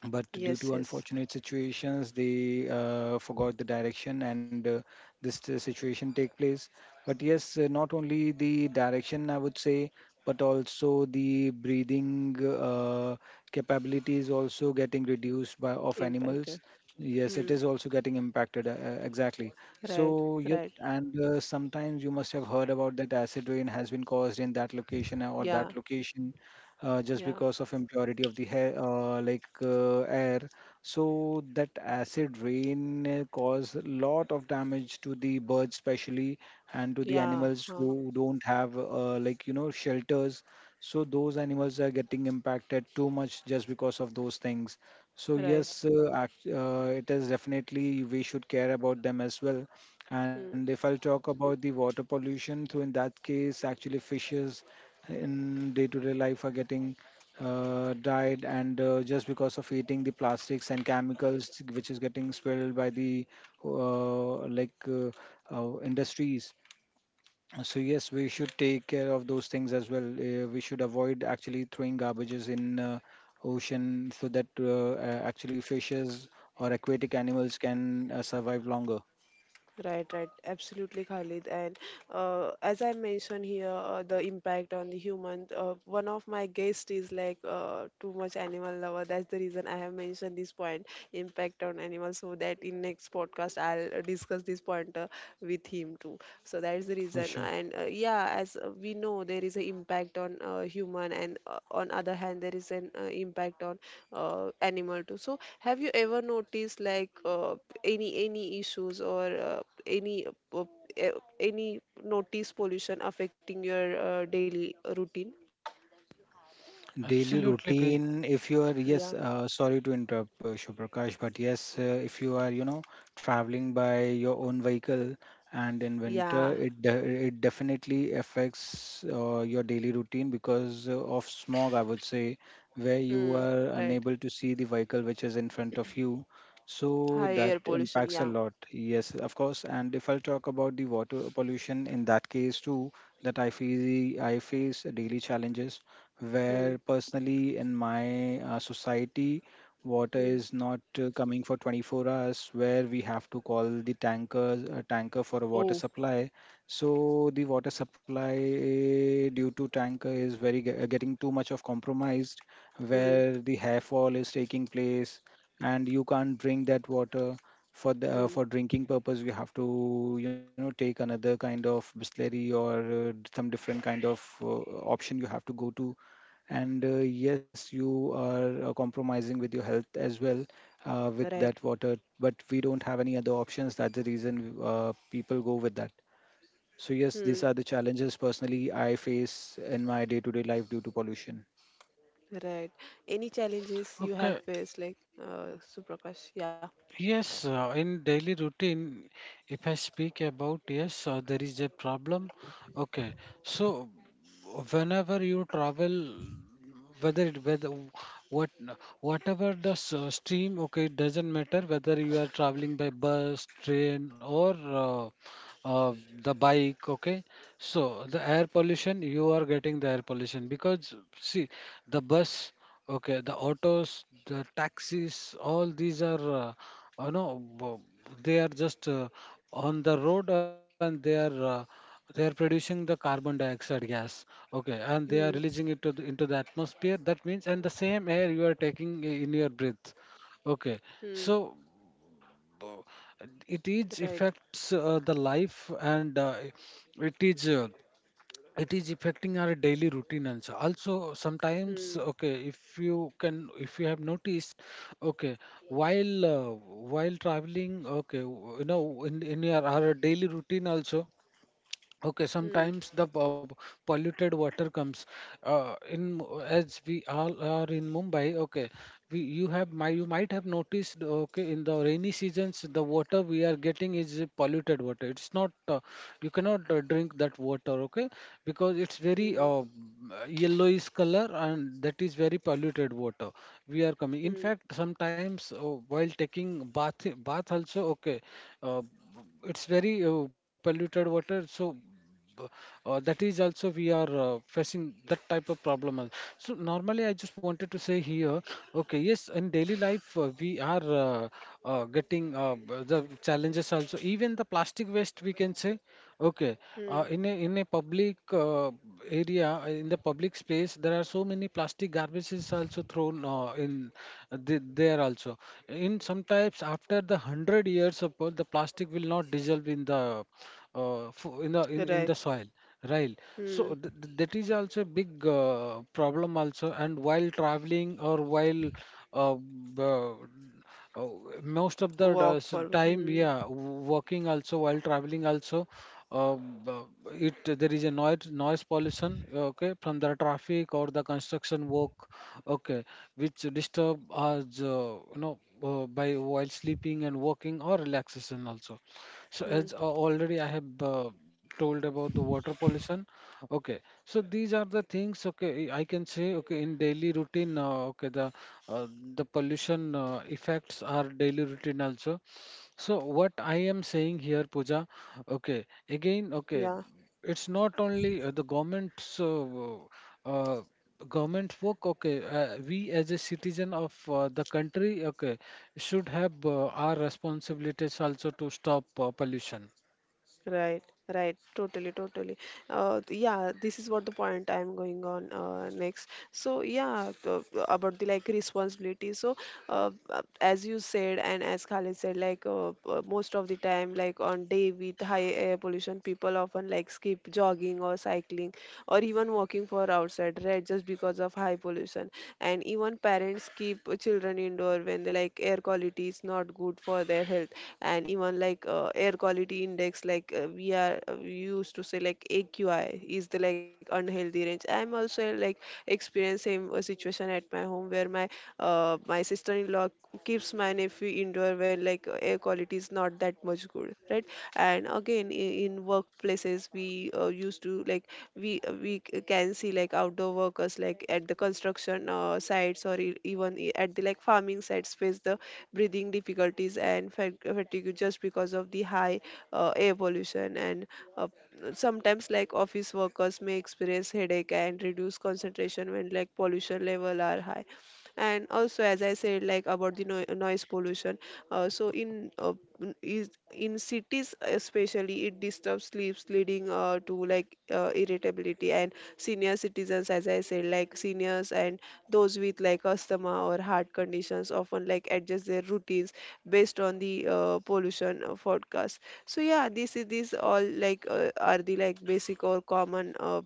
S2: But
S1: Yes.
S2: due to
S1: Yes.
S2: unfortunate situations, they forgot the direction, and this situation take place. But yes, not only the direction, I would say, but also the breathing capability is also getting reduced by of
S1: Impacted.
S2: animals.
S1: Hmm.
S2: Yes, it is also getting impacted, exactly.
S1: Right.
S2: So yes,
S1: Right.
S2: and sometimes you must have heard about that acid rain has been caused in that location or
S1: Yeah.
S2: that location, just
S1: Yeah.
S2: because of impurity of the hair, air. So that acid rain cause a lot of damage to the birds, especially, and to the
S1: Yeah.
S2: animals
S1: Huh.
S2: who don't have shelters. So those animals are getting impacted too much just because of those things. So
S1: Right.
S2: yes, it is definitely we should care about them as well.
S1: Hmm.
S2: And if I'll talk about the water pollution, so in that case, actually fishes in day-to-day life are getting died, and just because of eating the plastics and chemicals which is getting spilled by the uh, like uh, industries. So yes, we should take care of those things as well. Uh, we should avoid actually throwing garbages in ocean, so that actually fishes or aquatic animals can survive longer.
S1: Right, right, absolutely, Khalid. And as I mentioned here, the impact on the human. One of my guests is like too much animal lover. That's the reason I have mentioned this point, impact on animals, so that in next podcast I'll discuss this point with him too. So that's the
S2: For
S1: reason.
S2: sure.
S1: And yeah, as we know, there is an impact on human, and on other hand, there is an impact on animal too. So have you ever noticed like uh, any issues or any uh, uh, any notice pollution affecting your daily routine?
S2: Daily routine, if you are,
S1: Yeah.
S2: yes, sorry to interrupt, Shubhrakash, but yes, if you are, traveling by your own vehicle, and in
S1: Yeah.
S2: winter, it definitely affects your daily routine because of smog, I would say, where
S1: Hmm.
S2: you are
S1: Right.
S2: unable to see the vehicle which is in front of you.
S1: High
S2: So
S1: air
S2: that
S1: pollution.
S2: impacts
S1: Yeah.
S2: a lot. Yes, of course. And if I'll talk about the water pollution, in that case too, that I feel I face daily challenges
S1: Hmm.
S2: where personally in my society, water
S1: Hmm.
S2: is not coming for 24 hours, where we have to call the tanker for a water
S1: Oh.
S2: supply. So the water supply, due to tanker, is very getting too much of compromised,
S1: Hmm.
S2: where the hair fall is taking place, and you can't drink that water. For the
S1: Hmm.
S2: for drinking purpose, you have to, take another kind of distillery, or some different kind of option you have to go to. And yes, you are compromising with your health as well, with
S1: Right.
S2: that water. But we don't have any other options, that's the reason people go with that. So yes, these
S1: Hmm.
S2: are the challenges personally I face in my day to day life due to pollution.
S1: Right. Any challenges you have faced, like Suprakash? Yeah. Hmm. Hmm. Right. Hmm. Hmm. Hmm. Hmm. Hmm. Right. Hmm. Walk for. Hmm. Hmm. Yeah. Right, right, totally, totally. Yeah, this is what the point I'm going on next. So yeah, about the like responsibility. So as you said and as Khalid said, like most of the time, like on day with high air pollution, people often like skip jogging or cycling or even walking for outside, right? Just because of high pollution. And even parents keep children indoor when the like air quality is not good for their health, and even like air quality index, like we used to say like AQI is the like unhealthy range. I'm also like experiencing a situation at my home where my sister-in-law keeps my nephew indoor when like air quality is not that much good, right? And again in workplaces we used to like we c- can see like outdoor workers like at the construction sites, or at the like farming sites face the breathing difficulties, and fatigue, just because of the high air pollution. And uh, sometimes, like office workers may experience headache and reduce concentration when like pollution level are high. And also as I said like about the noise pollution, so in n- is in cities especially, it disturbs sleeps, leading to like irritability and senior citizens, as I said, like seniors and those with like asthma or heart conditions often like adjust their routines based on the pollution forecast. So yeah, this is these all like are the like basic or common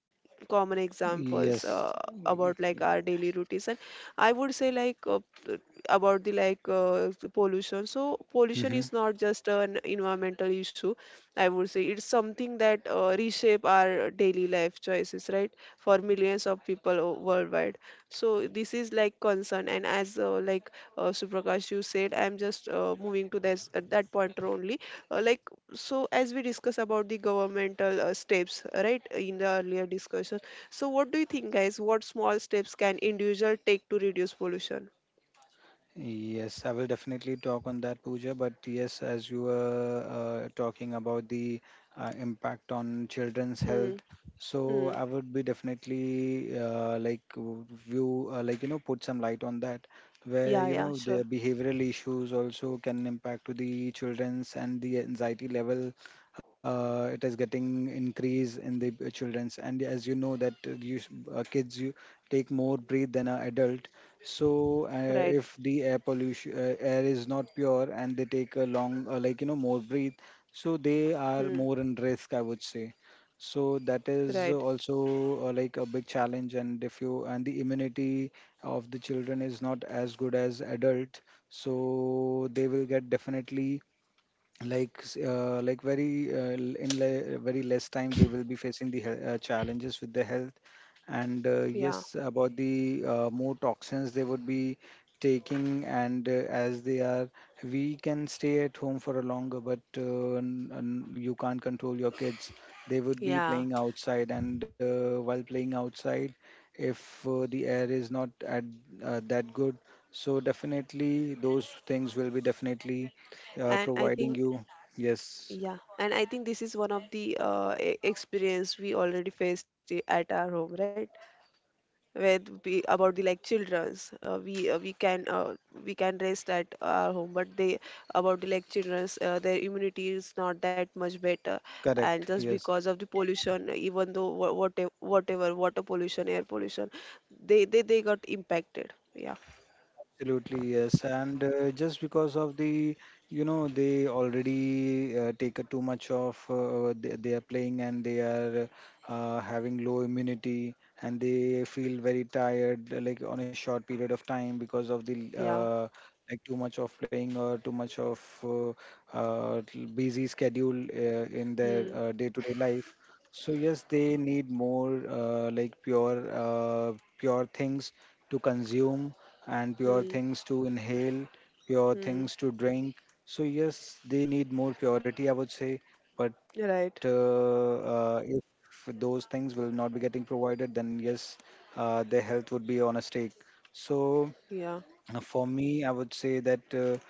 S1: common examples
S2: Yes.
S1: about like our daily routines. And I would say like uh, about the like the pollution. So pollution
S2: Mhm.
S1: is not just an environmental issue, I would say it's something that reshape our daily life choices, right, for millions of people worldwide. So this is like concern, and as like Suprakash you said, I'm just moving to this at that pointer only. Like so, as we discuss about the governmental steps, right, in the earlier discussion. So what do you think, guys? What small steps can individual take to reduce pollution?
S2: Yes, I will definitely talk on that, Pooja. But yes, as you were talking about the impact on children's
S1: Hmm.
S2: health, so
S1: Hmm.
S2: I would be definitely like w- view, like you know, put some light on that, where
S1: Yeah. Yeah.
S2: the
S1: Sure.
S2: behavioral issues also can impact to the children's and the anxiety level. It is getting increase in the children's, and as you know that kids, you take more breathe than an adult. So
S1: Right.
S2: if the air is not pure, and they take a long, more breathe, so they
S1: Hmm.
S2: are more in risk, I would say. So that
S1: Right.
S2: is also like a big challenge. And if you, and the immunity of the children is not as good as adult, so they will get definitely, like s- like very l- in le- very less time they will be facing the challenges with the health. And
S1: Yeah.
S2: yes, about the more toxins they would be taking. And as they are, we can stay at home for a longer, but you can't control your kids. They would be
S1: Yeah.
S2: playing outside, and while playing outside, if the air is not at that good, so definitely those things will be definitely
S1: And I
S2: providing
S1: think
S2: you. Yes.
S1: yeah, and I think this is one of the experience we already faced at our home, right? With be about the like childrens, we can rest at our home, but they about the like childrens their immunity is not that much better, and
S2: Correct.
S1: just
S2: Yes.
S1: because of the pollution, even though whatever water pollution, air pollution, they got impacted, yeah.
S2: Absolutely, yes. And just because of the, they already take a too much of they are playing, and they are having low immunity, and they feel very tired, like on a short period of time, because of the
S1: Yeah.
S2: uh, like too much of playing, or too much of uh, busy schedule in their
S1: Hmm.
S2: day-to-day life. So yes, they need more pure things to consume, and pure
S1: Hmm.
S2: things to inhale, pure things
S1: Hmm.
S2: to drink. So yes, they need more purity, I would say. But
S1: Right.
S2: if those things will not be getting provided, then yes, their health would be on a stake. So.
S1: Yeah.
S2: For me, I would say that uh,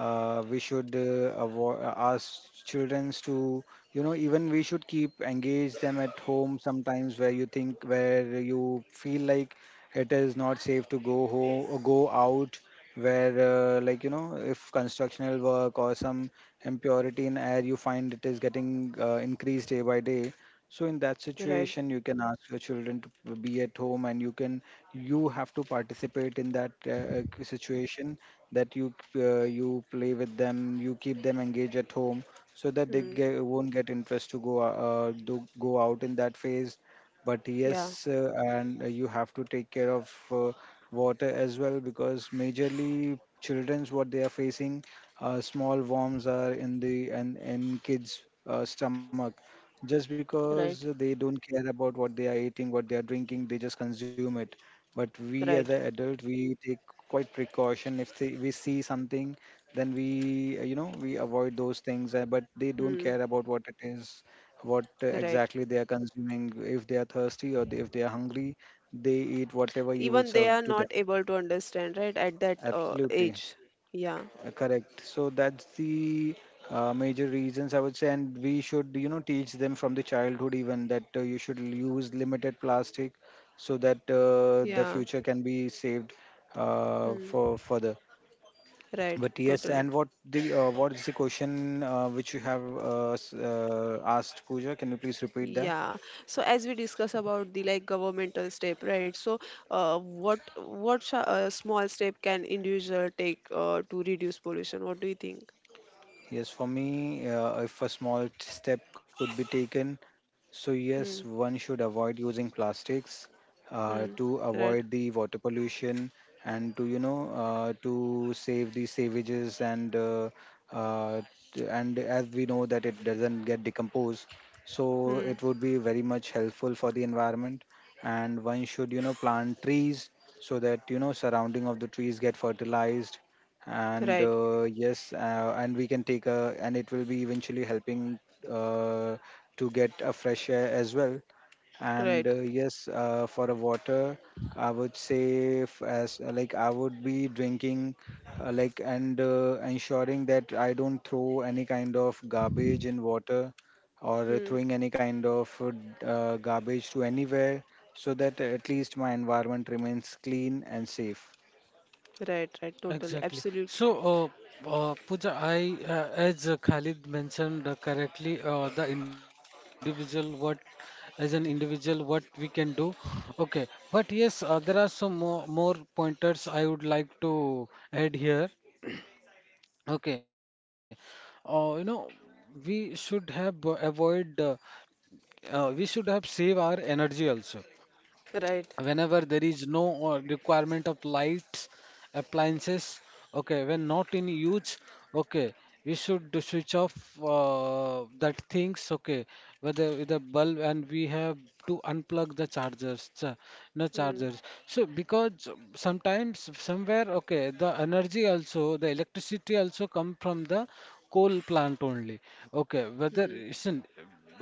S2: uh, we should ask children to, even we should keep engage them at home sometimes, where you think, where you feel like it is not safe to go home or go out, where, if constructional work or some impurity in air you find it is getting increased day by day. So in that
S1: Right.
S2: situation, you can ask your children to be at home, and you can, you have to participate in that situation, that you play with them, you keep them engaged at home, so that they
S1: Hmm.
S2: won't get interest to go out in that phase. But
S1: Yeah.
S2: yes, and you have to take care of water as well, because majorly children's what they are facing, small worms are in the and in kids stomach, just
S1: Right.
S2: because they don't care about what they are eating, what they are drinking, they just consume it. But we as
S1: Right.
S2: an adult, we take quite precaution, if we see something, then we we avoid those things. Uh, but they don't
S1: Hmm.
S2: care about what it is, what
S1: Right.
S2: exactly they are consuming. If they are thirsty, or if they are hungry, they eat whatever you will
S1: Even they
S2: serve
S1: are
S2: to
S1: not
S2: them.
S1: able to understand, right, at that
S2: Absolutely.
S1: age. Yeah.
S2: Correct. So that's the major reasons I would say, and we should, teach them from the childhood even, that you should use limited plastic, so that the
S1: Yeah.
S2: future can be saved
S1: Hmm.
S2: for further.
S1: Right,
S2: But yes,
S1: totally.
S2: and what the what is the question which you have asked, Pooja? Can you please repeat that?
S1: Yeah. So as we discuss about the like governmental step, right? So small step can individual take to reduce pollution, what do you think?
S2: Yes, for me, if a small step could be taken, so yes,
S1: Hmm.
S2: one should avoid using plastics
S1: Hmm.
S2: to
S1: Right.
S2: avoid the water pollution, and to, to save the savages, and uh, and as we know that it doesn't get decomposed, so
S1: Hmm.
S2: it would be very much helpful for the environment. And one should, plant trees, so that, surrounding of the trees get fertilized. And
S1: Right.
S2: yes, and we can take a, and it will be eventually helping uh, to get a fresh air as well. And
S1: Right.
S2: yes, for a water, I would say, as like I would be drinking, like and ensuring that I don't throw any kind of garbage in water, or
S1: Hmm.
S2: throwing any kind of garbage to anywhere, so that at least my environment remains clean and safe.
S1: Right. Right, totally,
S3: Exactly.
S1: absolutely.
S3: So, Pooja, as Khalid mentioned correctly, as an individual, what we can do. Okay. But yes, there are some more, more pointers I would like to add here. Okay. You know, we should have save our energy also whenever
S1: Right.
S3: there is no requirement of lights, appliances, okay, when not in use. Okay, we should do switch off that things, okay, whether with the bulb, and we have to unplug the chargers cha- no
S1: Hmm.
S3: chargers. So because sometimes somewhere, okay, the energy also, the electricity also, come from the coal plant only, okay, whether
S1: Hmm.
S3: isn't,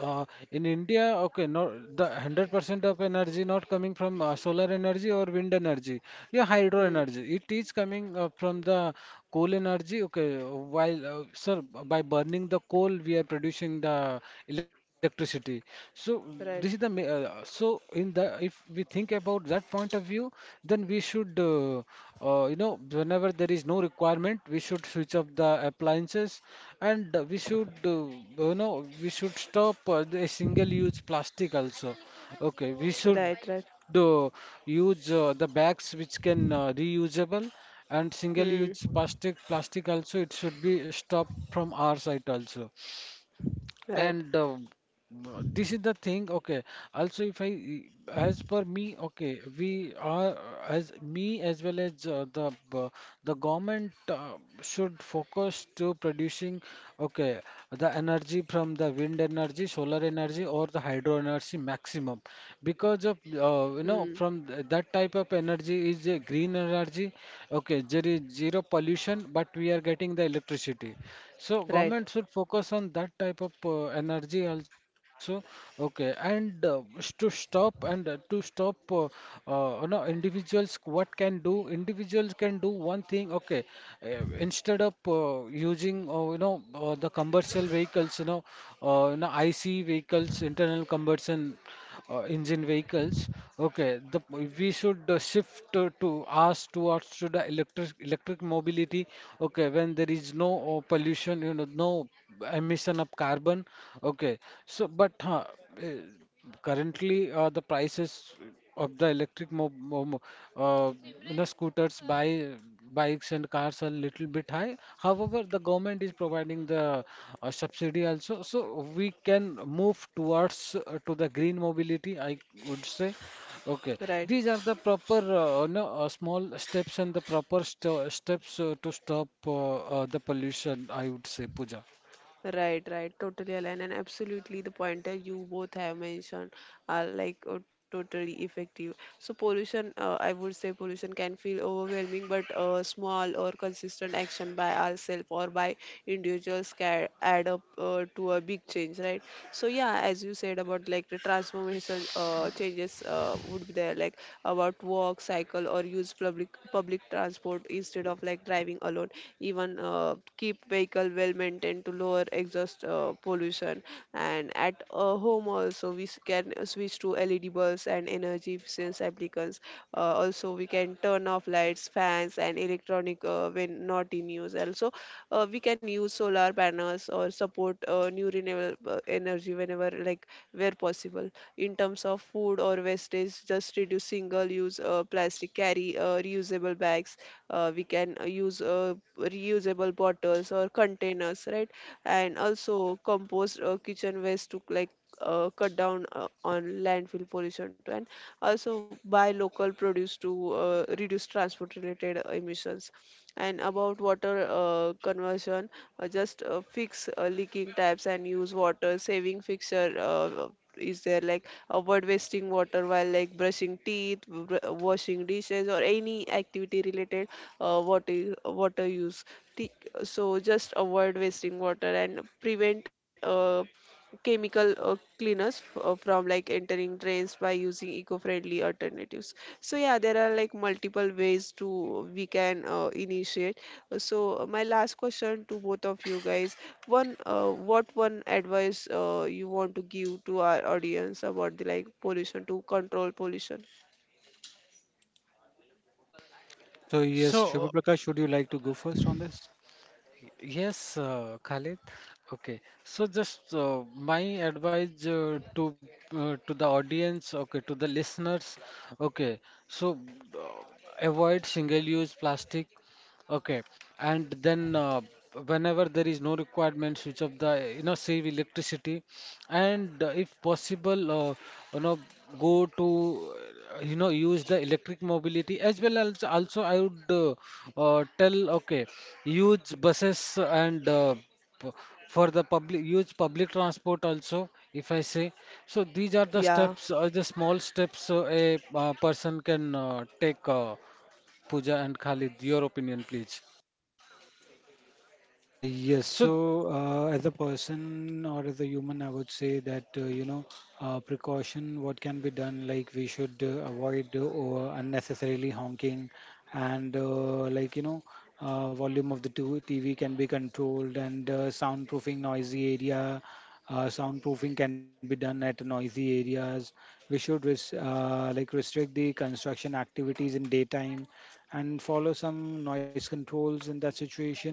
S3: in India, okay, not the 100% of energy not coming from solar energy or wind energy, yeah, hydro
S1: Hmm.
S3: energy. It is coming from the coal energy. Okay, while by burning the coal, we are producing the electricity. So this is the ma-
S1: Right,
S3: so in the if we think about that point of view, then you know, whenever there is no requirement, we should switch off the appliances. And you know, we should stop the single-use plastic also. Okay, we should
S1: right, right.
S3: uh, use the bags which can reusable, and single-use
S1: Hmm.
S3: plastic plastic also, it should be stopped from our side also. And
S1: Right.
S3: this is the thing, okay. Also, if I, as per me, okay, we are as me as well as the government should focus to producing, okay, the energy from the wind energy, solar energy, or the hydro energy maximum, because of,
S1: Hmm.
S3: that type of energy is a green energy, okay, there is zero pollution, but we are getting the electricity. So government
S1: Right,
S3: should focus on that type of energy also. Okay, and to stop, you know, individuals what can do? Individuals can do one thing. Okay, uh, of using, the commercial vehicles, you know, IC vehicles, internal combustion engine vehicles. Okay, the, we should shift to us towards to the electric mobility. Okay, when there is no pollution, you know, no emission of carbon. Okay, so eh, currently the prices of the electric uh, you know, scooters, by bikes and cars are little bit high. However, the government is providing the subsidy also, so we can move towards to the green mobility, I would say. Okay, these
S1: right,
S3: are the proper no, small steps and the proper st steps to stop the pollution, I would say, Pooja.
S1: right, right. Totally aligned, and absolutely the pointer you both have mentioned are like totally effective. So pollution, I would say pollution can feel overwhelming, but small or consistent action by ourselves or by individuals can add up to a big change, right? So yeah, as you said about like the transformation changes would be there, like about walk, cycle, or use public transport instead of like driving alone. Even keep vehicle well maintained to lower exhaust pollution. And at home also we can switch to led bulbs and energy efficient applicants. Also we can turn off lights, fans and electronic when not in use. Also we can use solar panels or support new renewable energy whenever like where possible. In terms of food or wastage, just reduce single use plastic, carry reusable bags. We can use reusable bottles or containers, right? And also compost kitchen waste to like cut down on landfill pollution too, and also buy local produce to reduce transport related emissions. And about water conversion, just fix leaking taps and use water saving fixture is there, like avoid wasting water while like brushing teeth, washing dishes or any activity related water use. Thi- So just avoid wasting water and prevent chemical cleaners from like entering drains by using eco-friendly alternatives. So yeah, there are like multiple ways to we can initiate. So my last question to both of you guys: one, what one advice you want to give to our audience about the like pollution to control pollution?
S2: So yes, Shubha
S3: So.
S2: Prakash, would you like to go first on this?
S3: Yes, Khalid. Okay. So just my advice to the audience, okay, to the listeners, okay. So uh, avoid single-use plastic. Okay, and then whenever there is no requirement, switch off the, you know, save electricity. And if possible, you know, go to you know, use the electric mobility. As well as also I would tell, okay, use buses and p- for the public, use public transport also, if I say. So these are the
S1: Yeah,
S3: steps, the small steps a person can take, Pooja and Khalid. Your opinion, please.
S2: Yes,
S3: So,
S2: so as a person or as a human, I would say that precaution what can be done, like we should avoid or unnecessarily honking, and volume of the TV can be controlled, and soundproofing noisy area, soundproofing can be done at noisy areas. We should like restrict the construction activities in daytime, and follow some noise controls in that situation.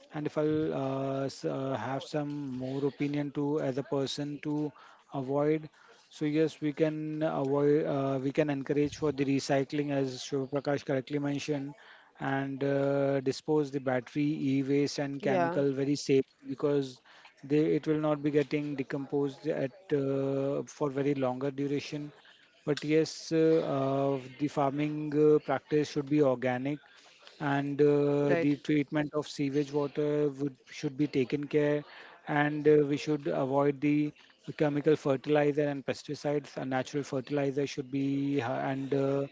S2: And if I'll have some more opinion to as a person to avoid. So yes, we can avoid. We can encourage for the recycling, as Shiv Prakash correctly mentioned, and dispose the battery, e-waste, and
S1: yeah,
S2: chemical very safe, because they, it will not be getting decomposed at for very longer duration. But yes, the farming practice should be organic, and
S1: right,
S2: the treatment of sewage water would should be taken care. And we should avoid the chemical fertilizer and pesticides. A natural fertilizer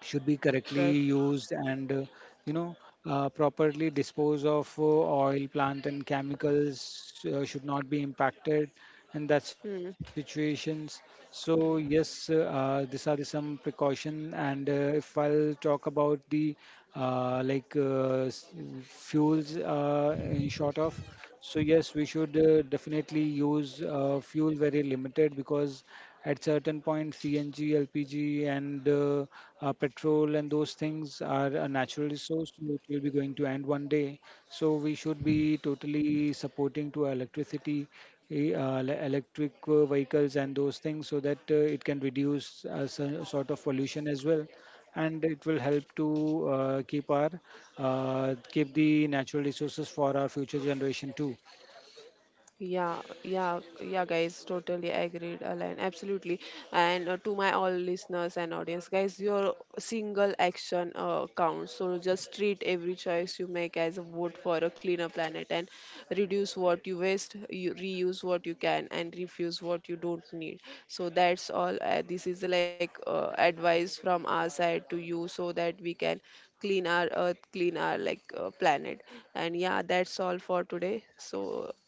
S2: should be correctly used. And you know properly dispose of oil plant and chemicals should not be impacted in that
S1: right.
S2: situations. So yes, these are the some precaution. And if I'll talk about the uh, like uh, s- fuels in short of, so yes, we should definitely use fuel very limited, because at certain point CNG, LPG, and petrol and those things are a natural resource. So it will be going to end one day. So we should be totally supporting to electricity, electric vehicles and those things, so that it can reduce sort of pollution as well, and it will help to keep the natural resources for our future generation too.
S1: Yeah, yeah, yeah, guys, totally agreed, Alan, absolutely. And to my all listeners and audience, guys, your single action counts. So just treat every choice you make as a vote for a cleaner planet, and reduce what you waste, you reuse what you can, and refuse what you don't need. So that's all. This is like advice from our side to you so that we can clean our earth, clean our like planet. And yeah, that's all for today. So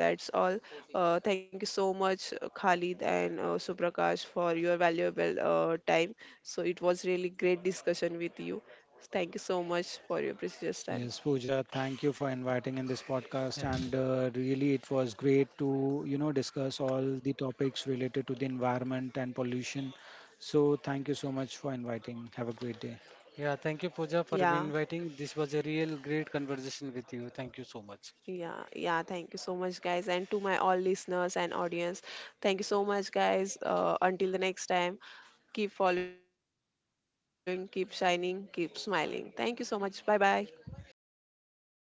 S1: that's all. Thank you so much, Khalid and Suprakash, for your valuable time. So it was really great discussion with you. Thank you so much for your precious time.
S2: Yes, Pooja, thank you for inviting in this
S3: yeah,
S2: podcast. And really it was great to, discuss all the topics related to the environment and pollution. So thank you so much for inviting. Have a great day.
S3: yeah, thank you, Pooja, for
S1: Yeah.
S3: inviting. This was a real great conversation with you. Thank you so much.
S1: Yeah, yeah, thank you so much, guys, and to my all listeners and audience, thank you so much, guys. Until the next time, keep following, keep shining, keep smiling. Thank you so much. Bye bye.